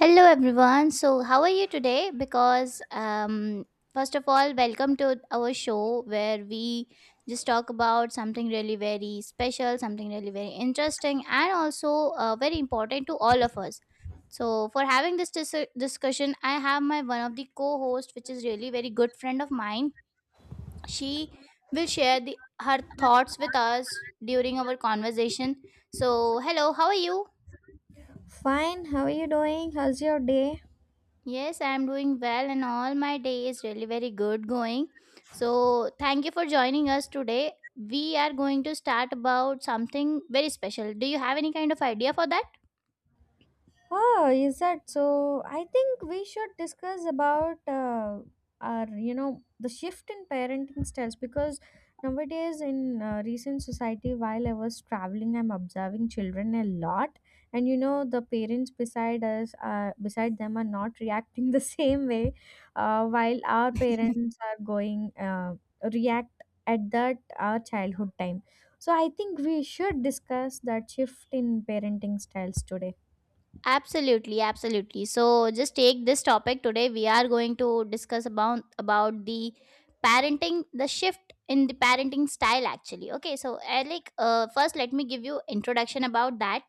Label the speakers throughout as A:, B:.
A: Hello everyone. So, how are you today? Because um First of all, welcome to our show where we just talk about something really very special, something really very interesting and also very important to all of us. So, for having this discussion, I have my one of the co-host which is really very good friend of mine. She will share the her thoughts with us during our conversation. So, hello, how are you?
B: Fine, how are you doing? How's your day?
A: Yes, I'm doing well, and all my day is really very good going. So, thank you for joining us today. We are going to start about something very special. Do you have any kind of idea for that?
B: Oh, is that so? I think we should discuss about our, the shift in parenting styles because nowadays in recent society, while I was traveling, I'm observing children a lot, and the parents beside us, beside them, are not reacting the same way, while our parents are going react at that our childhood time. So I think we should discuss that shift in parenting styles today.
A: Absolutely, absolutely. So, just take this topic today. We are going to discuss about the parenting, the shift in the parenting style actually. Okay, so I like first let me give you introduction about that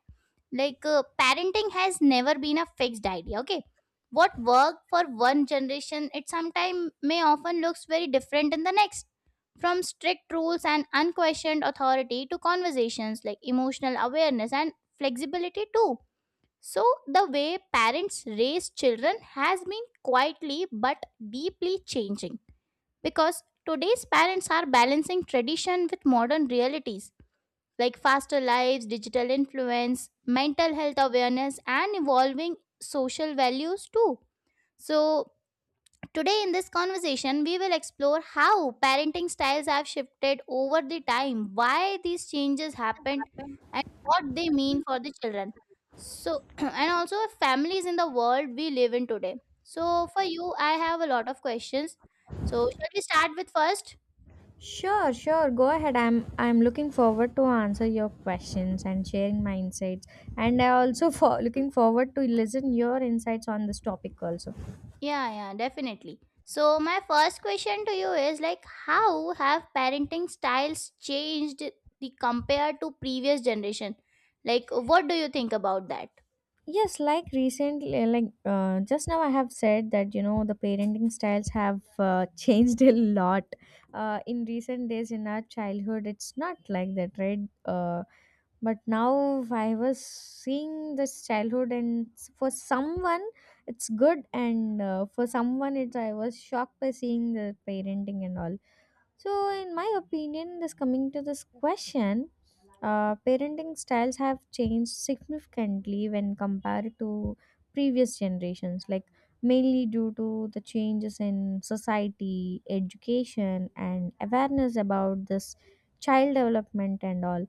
A: like parenting has never been a fixed idea, okay? What worked for one generation it sometimes may often looks very different in the next, from strict rules and unquestioned authority to conversations like emotional awareness and flexibility too. So the way parents raise children has been quietly but deeply changing, because today's parents are balancing tradition with modern realities like faster lives, digital influence, mental health awareness, and evolving social values too. So, today in this conversation, we will explore how parenting styles have shifted over the time, why these changes happened, and what they mean for the children. So, and also families in the world we live in today. So, for you, I have a lot of questions. So, shall we start with first?
B: Sure, sure. Go ahead. I'm looking forward to answer your questions and sharing my insights. And I also for looking forward to listen your insights on this topic also.
A: Yeah, yeah, definitely. So my first question to you is like how have parenting styles changed the compared to previous generation? Like what do you think about that?
B: Yes, like recently, like just now, I have said that the parenting styles have changed a lot. In recent days, in our childhood, it's not like that, right? Uh, but now I was seeing this childhood and for someone it's good, and for someone it I was shocked by seeing the parenting and all. So in my opinion, this coming to this question, parenting styles have changed significantly when compared to previous generations, like mainly due to the changes in society, education, and awareness about this child development and all.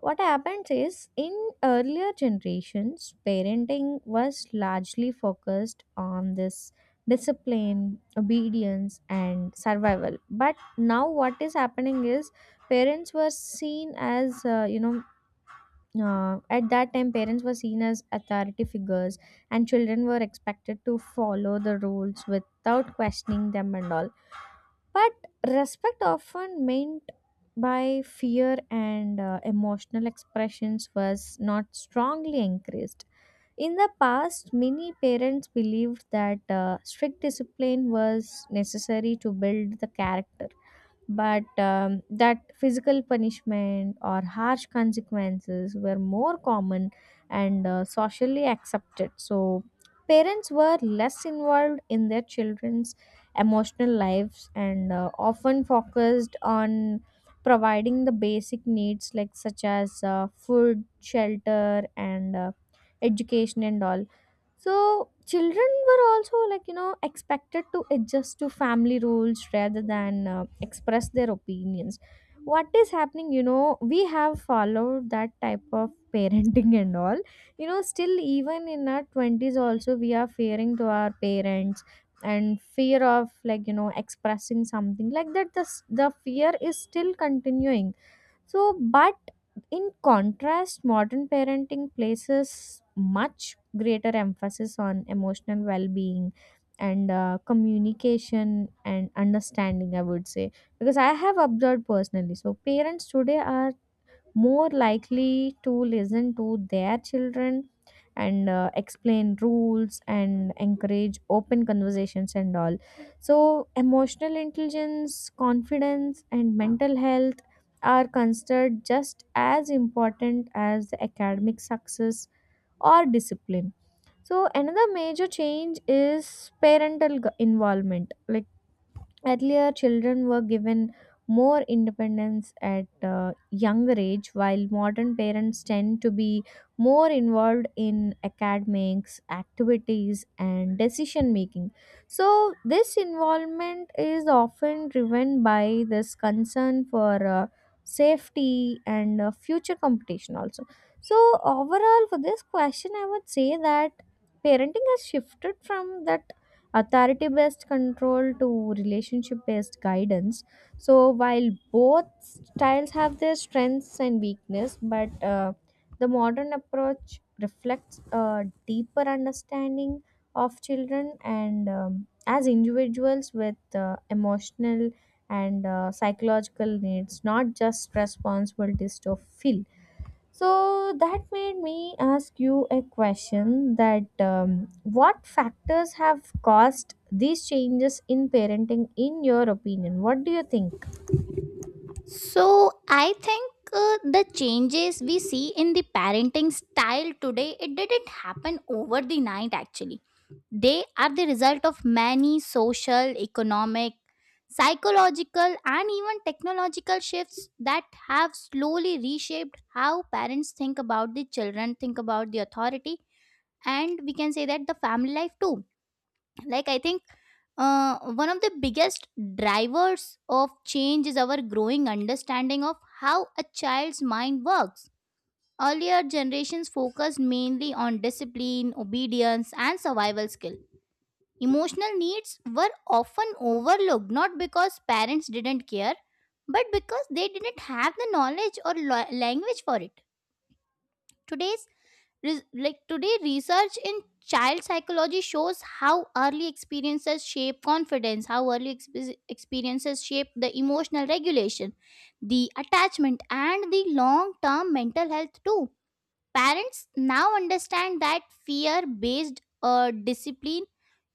B: What happens is, in earlier generations parenting was largely focused on this discipline, obedience, and survival, but now what is happening is parents were seen as at that time parents were seen as authority figures, and children were expected to follow the rules without questioning them and all. But respect often meant by fear, and emotional expressions was not strongly encouraged. In the past, many parents believed that strict discipline was necessary to build the character, but that physical punishment or harsh consequences were more common and socially accepted. So parents were less involved in their children's emotional lives and often focused on providing the basic needs, like such as food, shelter, and education and all. So children were also, like expected to adjust to family rules rather than express their opinions. What is happening? You know, we have followed that type of parenting and all. You know, still even in our twenties also we are fearing to our parents, and fear of, like, expressing something like that. The fear is still continuing. So, but in contrast, modern parenting places much greater emphasis on emotional well being and communication and understanding, I would say, because I have observed personally. So parents today are more likely to listen to their children and explain rules and encourage open conversations and all. So emotional intelligence, confidence, and mental health are considered just as important as the academic success or discipline. So another major change is parental involvement. Like, earlier children were given more independence at a younger age, while modern parents tend to be more involved in academics, activities, and decision making. So this involvement is often driven by this concern for safety and future competition, also. So, overall, for this question, I would say that parenting has shifted from that authority based control to relationship based guidance. So while both styles have their strengths and weakness, but the modern approach reflects a deeper understanding of children and, as individuals with emotional and psychological needs, not just responsibilities to fill. So that made me ask you a question that, what factors have caused these changes in parenting in your opinion? What do you think?
A: So I think the changes we see in the parenting style today it didn't happen over the night actually. They are the result of many social, economic, psychological, and even technological shifts that have slowly reshaped how parents think about the children, think about the authority, and we can say that the family life too. Like, I think one of the biggest drivers of change is our growing understanding of how a child's mind works. Earlier generations focused mainly on discipline, obedience, and survival skill. Emotional needs were often overlooked, not because parents didn't care, but because they didn't have the knowledge or language for it. Today's Today research in child psychology shows how early experiences shape confidence, how early experiences shape the emotional regulation, the attachment and the long-term mental health too. Parents now understand that fear based discipline,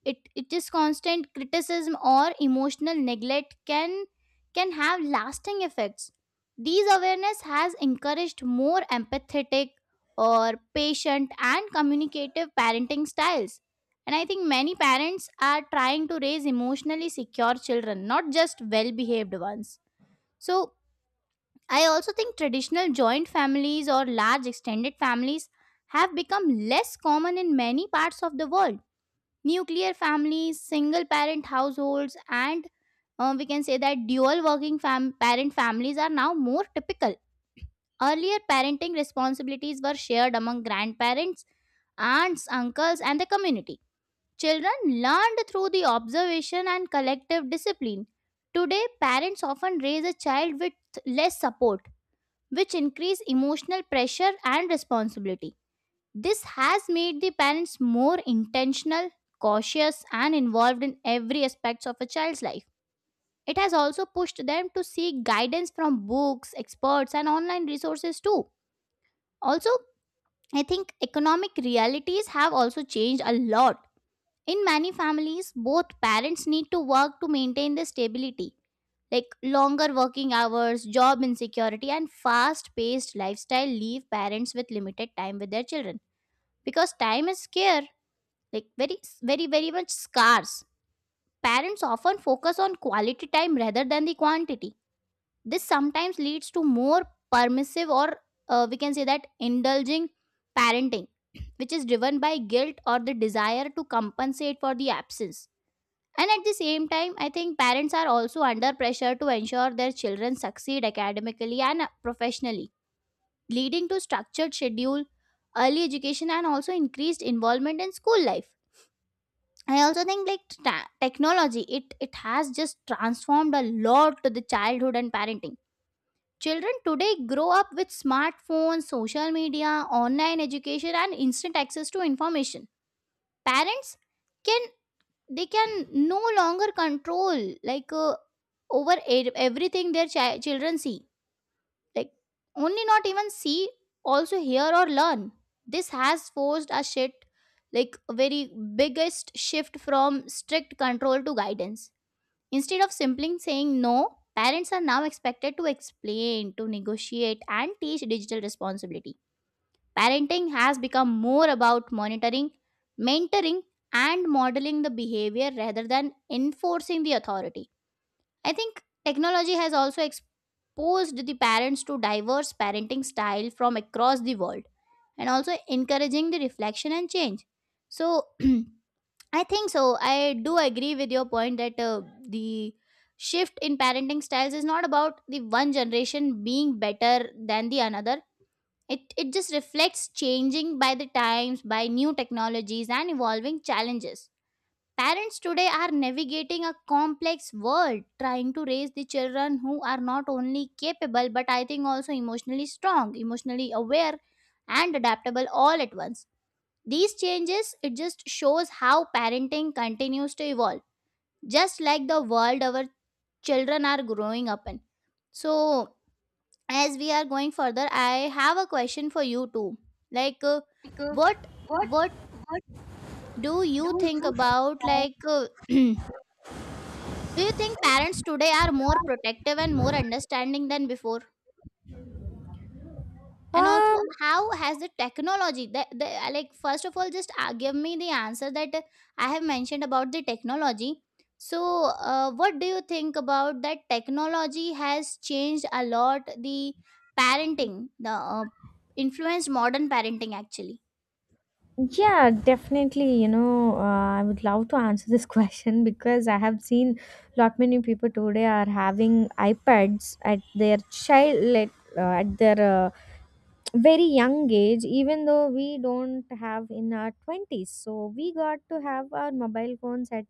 A: it is constant criticism or emotional neglect can have lasting effects. These awareness has encouraged more empathetic or patient and communicative parenting styles. And I think many parents are trying to raise emotionally secure children, not just well behaved ones. So, I also think traditional joint families or large extended families have become less common in many parts of the world. Nuclear families, single parent households, and we can say that dual working parent families are now more typical. Earlier, parenting responsibilities were shared among grandparents, aunts, uncles, and the community. Children learned through the observation and collective discipline. Today, parents often raise a child with less support, which increase emotional pressure and responsibility. This has made the parents more intentional, cautious, and involved in every aspect of a child's life. It has also pushed them to seek guidance from books, experts, and online resources too. Also, I think economic realities have also changed a lot. In many families, both parents need to work to maintain their stability, like longer working hours, job insecurity, and fast paced lifestyle leave parents with limited time with their children, because time is scarce, like very, very, very much scarce. Parents often focus on quality time rather than the quantity. This sometimes leads to more permissive or we can say that indulging parenting, which is driven by guilt or the desire to compensate for the absence. And at the same time, I think parents are also under pressure to ensure their children succeed academically and professionally, leading to structured schedule, early education, and also increased involvement in school life. I also think like technology, it has just transformed a lot to the childhood and parenting. Children today grow up with smartphones, social media, online education, and instant access to information. Parents can, they can no longer control like over everything their children see, like only not even see, also hear or learn. This has forced a shit, like a very biggest shift from strict control to guidance. Instead of simply saying no, parents are now expected to explain, to negotiate and teach digital responsibility. Parenting has become more about monitoring, mentoring, and modeling the behavior rather than enforcing the authority. I think technology has also exposed the parents to diverse parenting style from across the world and also encouraging the reflection and change. So, I think so. I do agree with your point that the shift in parenting styles is not about the one generation being better than the another. It just reflects changing by the times, by new technologies, and evolving challenges. Parents today are navigating a complex world, trying to raise the children who are not only capable, but I think also emotionally strong, emotionally aware, and adaptable all at once. These changes, it just shows how parenting continues to evolve, just like the world our children are growing up in. So, as we are going further, I have a question for you too, like what what do you think about, like do you think parents today are more protective and more understanding than before, and
B: Um
A: also how has the technology. Like first of all just give me the answer that I have mentioned about the technology. So what do you think about that, technology has changed a lot the parenting, the uh, influenced modern parenting actually?
B: yeah, definitely, you know, I would love to answer this question because I have seen lot many people today are having iPads at their child at their very young age, even though we don't have in our 20s, so we got to have our mobile phones at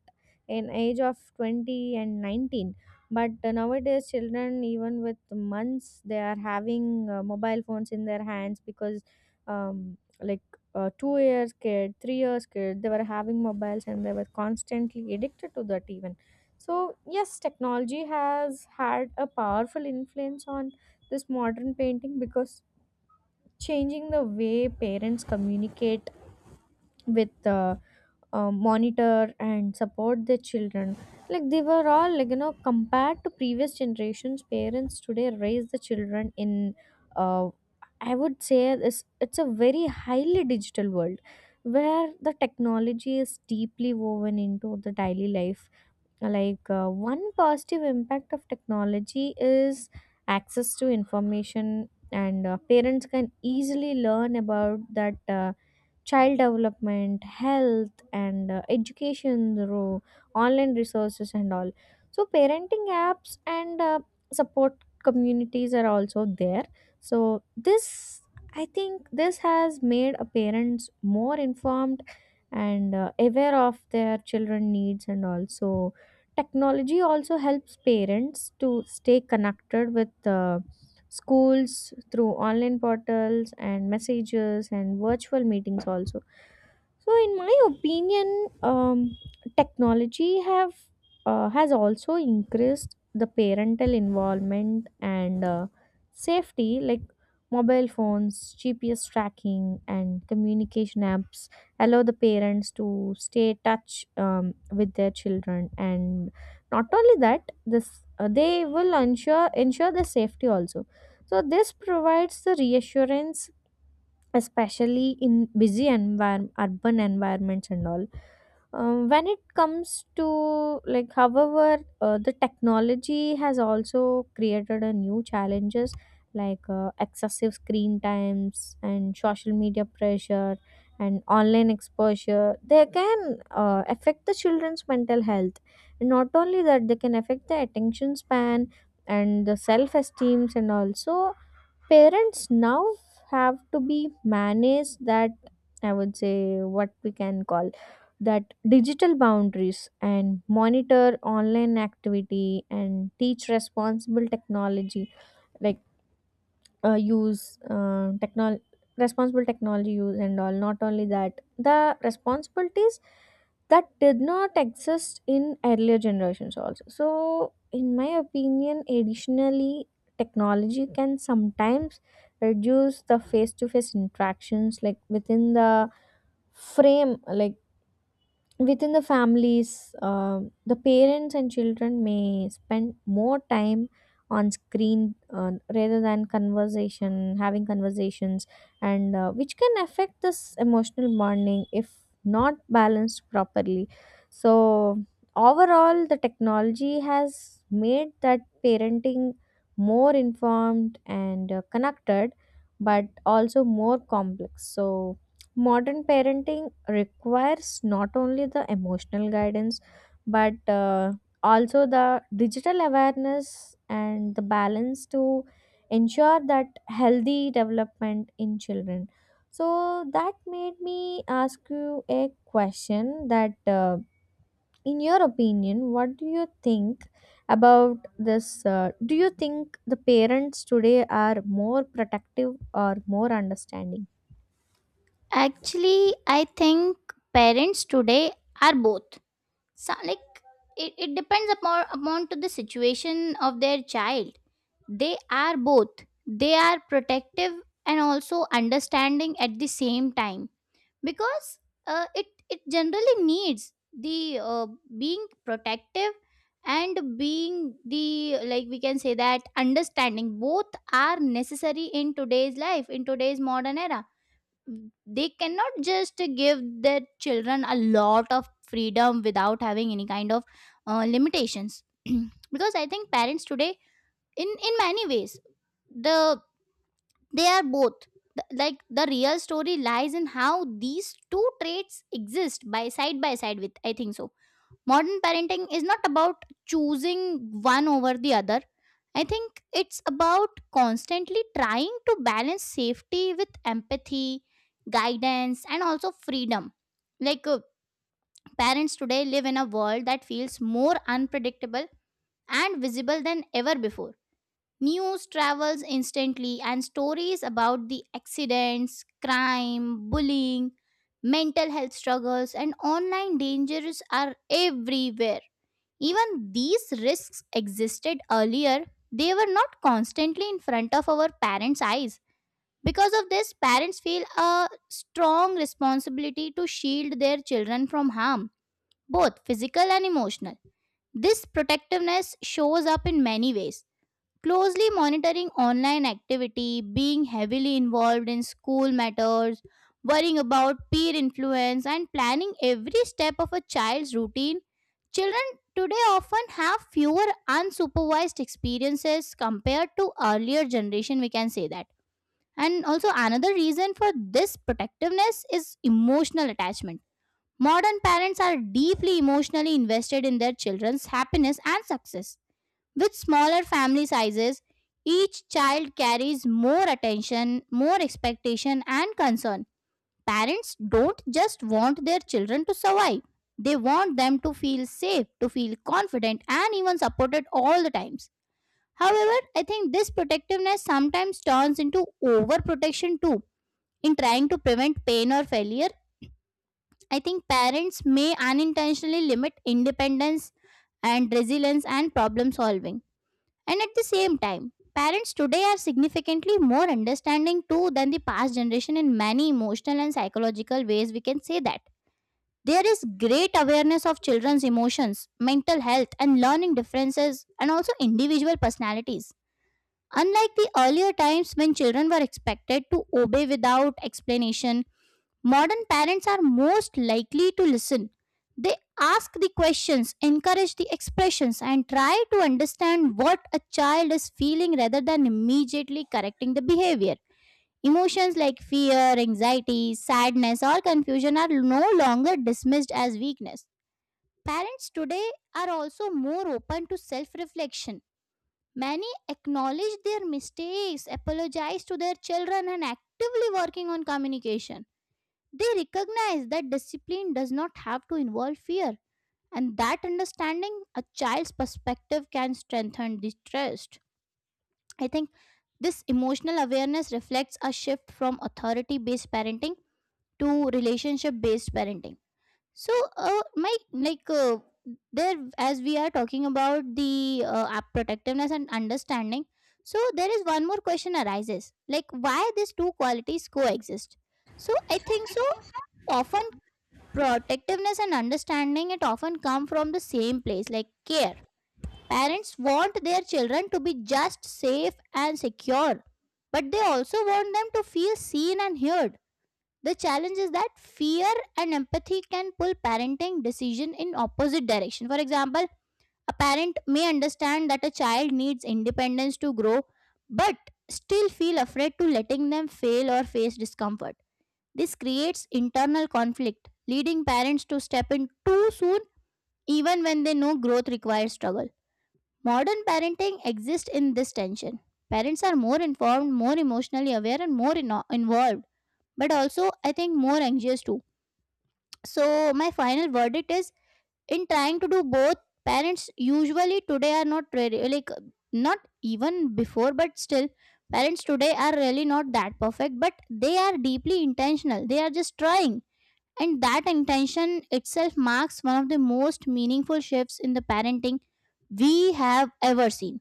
B: an age of 20 and 19. But nowadays children even with months they are having mobile phones in their hands, because like, 2 years kid, 3 years kid, they were having mobiles and they were constantly addicted to that even. So yes, technology has had a powerful influence on this modern painting, because changing the way parents communicate with monitor and support their children. Like, they were all, like, compared to previous generations, parents today raise the children in, uh, I would say, this it's a very highly digital world, where the technology is deeply woven into the daily life. Like, one positive impact of technology is access to information, and parents can easily learn about that child development, health, and education, the online resources, and all. So parenting apps and support communities are also there. So, this I think this has made a parents more informed and aware of their children needs. And also technology also helps parents to stay connected with schools through online portals and messages and virtual meetings also. So in my opinion, technology have has also increased the parental involvement and safety, like mobile phones, GPS tracking, and communication apps allow the parents to stay touch with their children. And not only that, this they will ensure the safety also. So this provides the reassurance, especially in busy environment, urban environments and all. When it comes to, like, however, the technology has also created a new challenges, like excessive screen times and social media pressure and online exposure. They can affect the children's mental health. And not only that, they can affect the attention span and the self esteems. And also parents now have to be managed that, I would say, what we can call that digital boundaries, and monitor online activity, and teach responsible technology, like use technol responsible technology use and all. Not only that, the responsibilities that did not exist in earlier generations also. So in my opinion, additionally, technology can sometimes reduce the face to face interactions, like within the frame like within the families, the parents and children may spend more time on screen rather than conversation, having conversations, and which can affect this emotional bonding if not balanced properly. So, overall, the technology has made that parenting more informed and connected, but also more complex. So modern parenting requires not only the emotional guidance but also the digital awareness and the balance to ensure that healthy development in children. So that made me ask you a question that, in your opinion, what do you think about this, do you think the parents today are more protective or more understanding?
A: Actually I think parents today are both. So, like it depends upon to the situation of their child. They are both. They are protective and also understanding at the same time, because it generally needs the being protective and being the, like we can say that, understanding. Both are necessary in today's life, in today's modern era. They cannot just give their children a lot of freedom without having any kind of limitations, because I think parents today, in many ways, the they are both. Like the real story lies in how these two traits exist by side with, I think so, modern parenting is not about choosing one over the other. I think it's about constantly trying to balance safety with empathy, guidance and also freedom. Like parents today live in a world that feels more unpredictable and visible than ever before. News travels instantly, and stories about the accidents, crime, bullying, mental health struggles, and online dangers are everywhere. Even these risks existed earlier, they were not constantly in front of our parents' eyes. Because of this, parents feel a strong responsibility to shield their children from harm, both physical and emotional. This protectiveness shows up in many ways: closely monitoring online activity, being heavily involved in school matters, worrying about peer influence, and planning every step of a child's routine. Children today often have fewer unsupervised experiences compared to earlier generation, we can say that. And also another reason for this protectiveness is emotional attachment. Modern parents are deeply emotionally invested in their children's happiness and success. With smaller family sizes, each child carries more attention, more expectation, and concern. Parents don't just want their children to survive, they want them to feel safe, to feel confident, and even supported all the times. However, I think this protectiveness sometimes turns into overprotection too. In trying to prevent pain or failure, I think parents may unintentionally limit independence and resilience and problem solving. And at the same time, parents today are significantly more understanding too than the past generation in many emotional and psychological ways. We can say that. There is great awareness of children's emotions, mental health, and learning differences, and also individual personalities. Unlike the earlier times when children were expected to obey without explanation, modern parents are most likely to listen. They ask the questions, encourage the expressions, and try to understand what a child is feeling rather than immediately correcting the behavior. Emotions like fear, anxiety, sadness, or confusion are no longer dismissed as weakness. Parents today are also more open to self reflection. Many acknowledge their mistakes, apologize to their children, and actively working on communication. They recognize that discipline does not have to involve fear, and that understanding a child's perspective can strengthen the trust. I think this emotional awareness reflects a shift from authority based parenting to relationship based parenting. So, my like there as we are talking about the protectiveness and understanding. So there is one more question arises, like why these two qualities coexist. So I think so often protectiveness and understanding it often come from the same place, like care. Parents want their children to be just safe and secure, but they also want them to feel seen and heard. The challenge is that fear and empathy can pull parenting decision in opposite direction. For example, a parent may understand that a child needs independence to grow, but still feel afraid to letting them fail or face discomfort. This creates internal conflict, leading parents to step in too soon even when they know growth requires struggle. Modern parenting exists in this tension. Parents are more informed, more emotionally aware, and more involved, but also, I think, more anxious too. So, my final verdict is, in trying to do both, parents usually today are not really like, not even before, but still, parents today are really not that perfect, but they are deeply intentional. They are just trying, and that intention itself marks one of the most meaningful shifts in the parenting we have ever seen.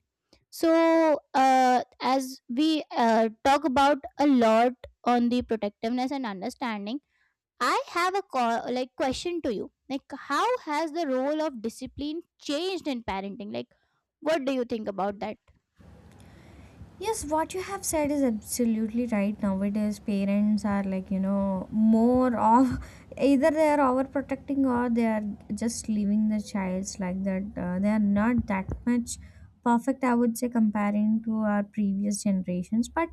A: As we talk about a lot on the protectiveness and understanding, I have a like question to you. Like, how has the role of discipline changed in parenting? Like, what do you think about that?
B: Yes, what you have said is absolutely right. Nowadays, parents are, like, you know, more of, either they are overprotecting, or they are just leaving the childs like that. They are not that much perfect, I would say, comparing to our previous generations. But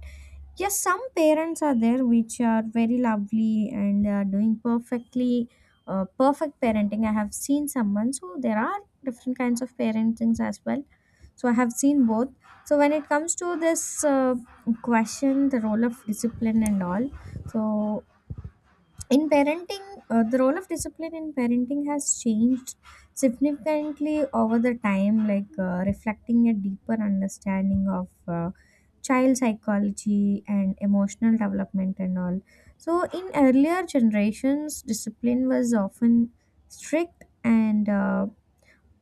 B: yes, some parents are there which are very lovely and they are doing perfectly. Perfect parenting. I have seen someone. So there are different kinds of parentings as well, so I have seen both. So when it comes to this question, the role of discipline and all. So, in parenting, the role of discipline in parenting has changed significantly over the time, like reflecting a deeper understanding of child psychology and emotional development and all. So in earlier generations, discipline was often strict and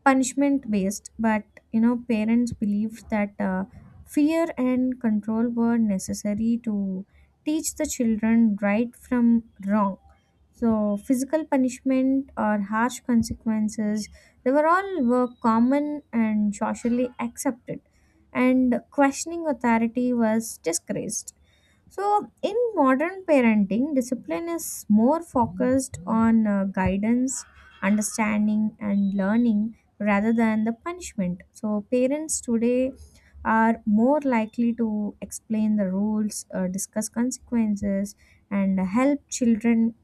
B: punishment based, but you know parents believed that fear and control were necessary to teach the children right from wrong. So physical punishment or harsh consequences, they were all were common and socially accepted, and questioning authority was disgraced. So, in modern parenting, discipline is more focused on guidance, understanding, and learning rather than the punishment. So, parents today are more likely to explain the rules, discuss consequences, and help children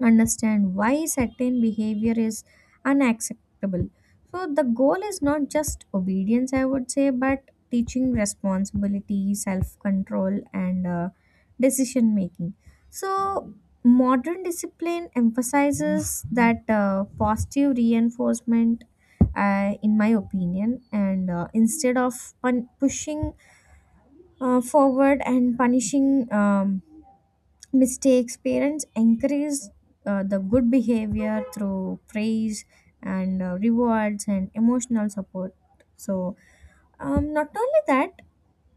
B: understand why certain behavior is unacceptable. So the goal is not just obedience, I would say, but teaching responsibility, self control, and decision making. So, modern discipline emphasizes that positive reinforcement. In my opinion, and instead of pushing forward and punishing mistakes, parents encourage the good behavior through praise and rewards and emotional support. So, not only that,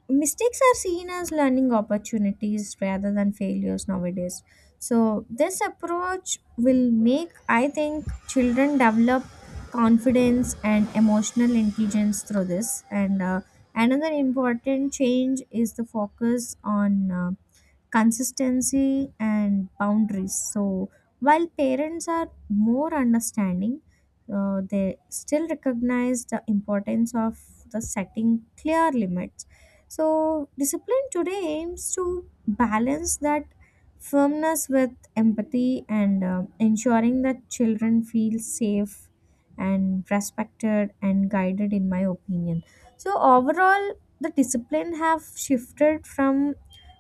B: mistakes are seen as learning opportunities rather than failures nowadays. So this approach will make, I think, children develop confidence and emotional intelligence through this. And another important change is the focus on consistency and boundaries. So while parents are more understanding, they still recognize the importance of the setting clear limits. So discipline today aims to balance that firmness with empathy, and ensuring that children feel safe and respected and guided, in my opinion. So overall the discipline have shifted from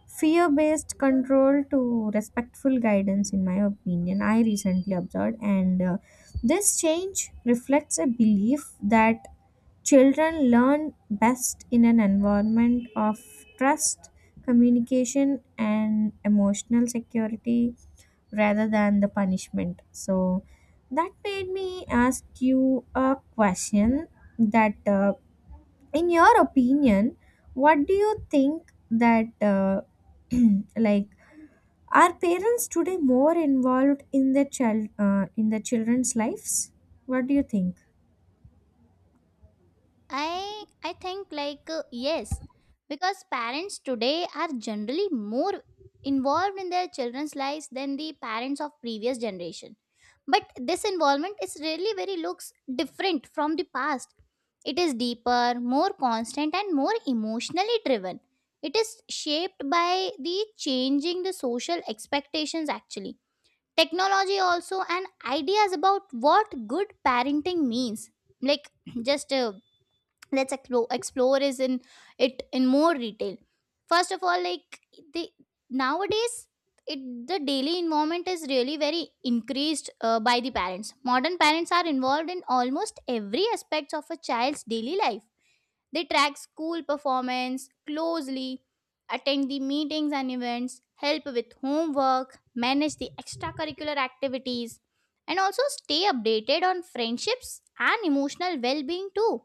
B: fear based control to respectful guidance, in my opinion, I recently observed. And this change reflects a belief that children learn best in an environment of trust, communication, and emotional security rather than the punishment. So that made me ask you a question that, in your opinion, what do you think that, like, are parents today more involved in their child in their children's lives? What do you think?
A: I think yes, because parents today are generally more involved in their children's lives than the parents of previous generation, but this involvement is really very looks different from the past. It is deeper, more constant and more emotionally driven. It is shaped by the changing the social expectations, actually technology also, and ideas about what good parenting means. Like just let's explore is in it in more detail. First of all, like the nowadays it the daily involvement is really very increased by the parents. Modern parents are involved in almost every aspects of a child's daily life. They track school performance closely, attend the meetings and events, help with homework, manage the extracurricular activities, and also stay updated on friendships and emotional well-being too.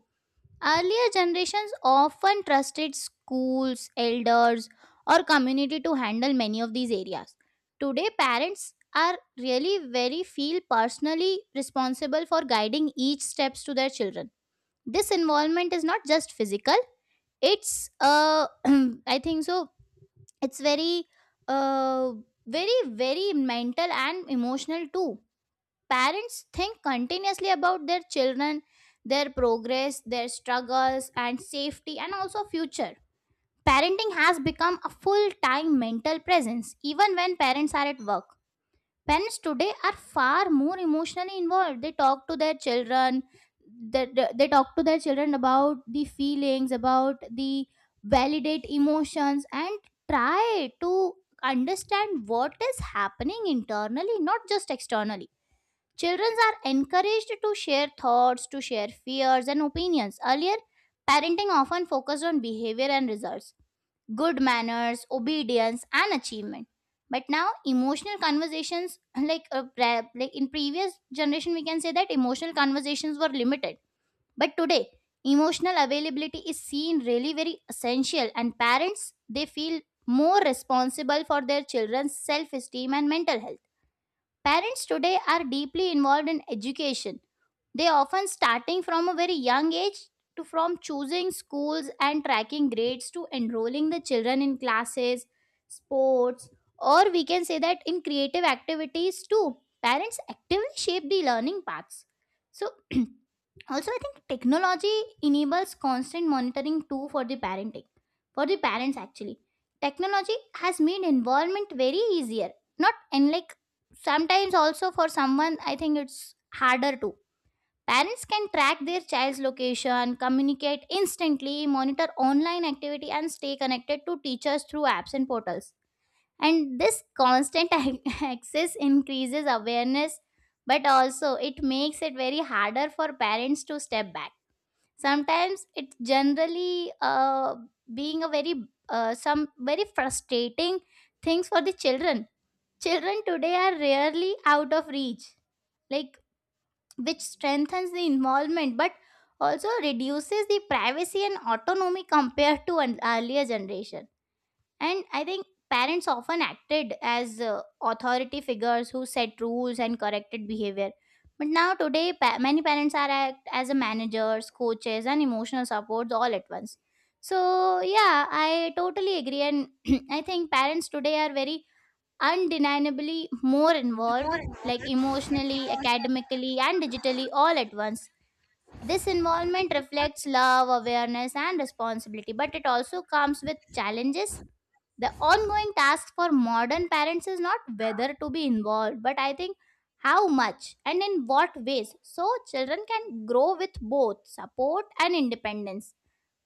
A: Earlier generations often trusted schools, elders, or community to handle many of these areas. Today, parents are really very feel personally responsible for guiding each steps to their children. This involvement is not just physical; it's I think so. It's very, uh, very mental and emotional too. Parents think continuously about their children, their progress, their struggles, and safety, and also future. Parenting has become a full time mental presence, even when parents are at work. Parents today are far more emotionally involved. They talk to their children, they talk to their children about the feelings, about the validate emotions, and try to understand what is happening internally, not just externally. Children are encouraged to share thoughts, to share fears and opinions. Earlier, parenting often focused on behavior and results, good manners, obedience, and achievement. But now, emotional conversations, like, like in previous generation, we can say that emotional conversations were limited. But today, emotional availability is seen really very essential, and parents they feel more responsible for their children's self-esteem and mental health. Parents today are deeply involved in education, they often starting from a very young age to from choosing schools and tracking grades to enrolling the children in classes, sports, or we can say that in creative activities too. Parents actively shape the learning paths. So also I think technology enables constant monitoring too for the parenting, for the parents actually. Technology has made involvement very easier, not unlike sometimes also for someone I think it's harder too. Parents can track their child's location, communicate instantly, monitor online activity, and stay connected to teachers through apps and portals. And this constant access increases awareness, but also it makes it very harder for parents to step back. Sometimes it's generally being a very some very frustrating things for the children. Children today are rarely out of reach, like, which strengthens the involvement, but also reduces the privacy and autonomy compared to an earlier generation. And I think parents often acted as authority figures who set rules and corrected behavior, but now today many parents are act as a managers, coaches and emotional supports all at once. So yeah, I totally agree, and I think parents today are very undeniably more involved, like emotionally, academically, and digitally all at once. This involvement reflects love, awareness, and responsibility, but it also comes with challenges. The ongoing task for modern parents is not whether to be involved, but I think how much and in what ways so children can grow with both support and independence.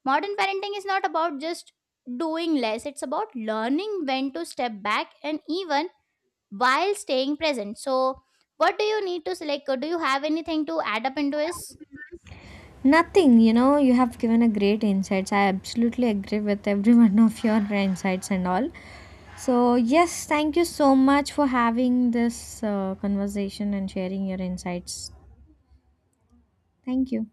A: Modern parenting is not about just doing less, it's about learning when to step back and even while staying present. So what do you need to select? Like do you have anything to add up into this?
B: Nothing, you know, you have given a great insights. I absolutely agree with every one of your insights and all. So, yes, thank you so much for having this conversation and sharing your insights. Thank you.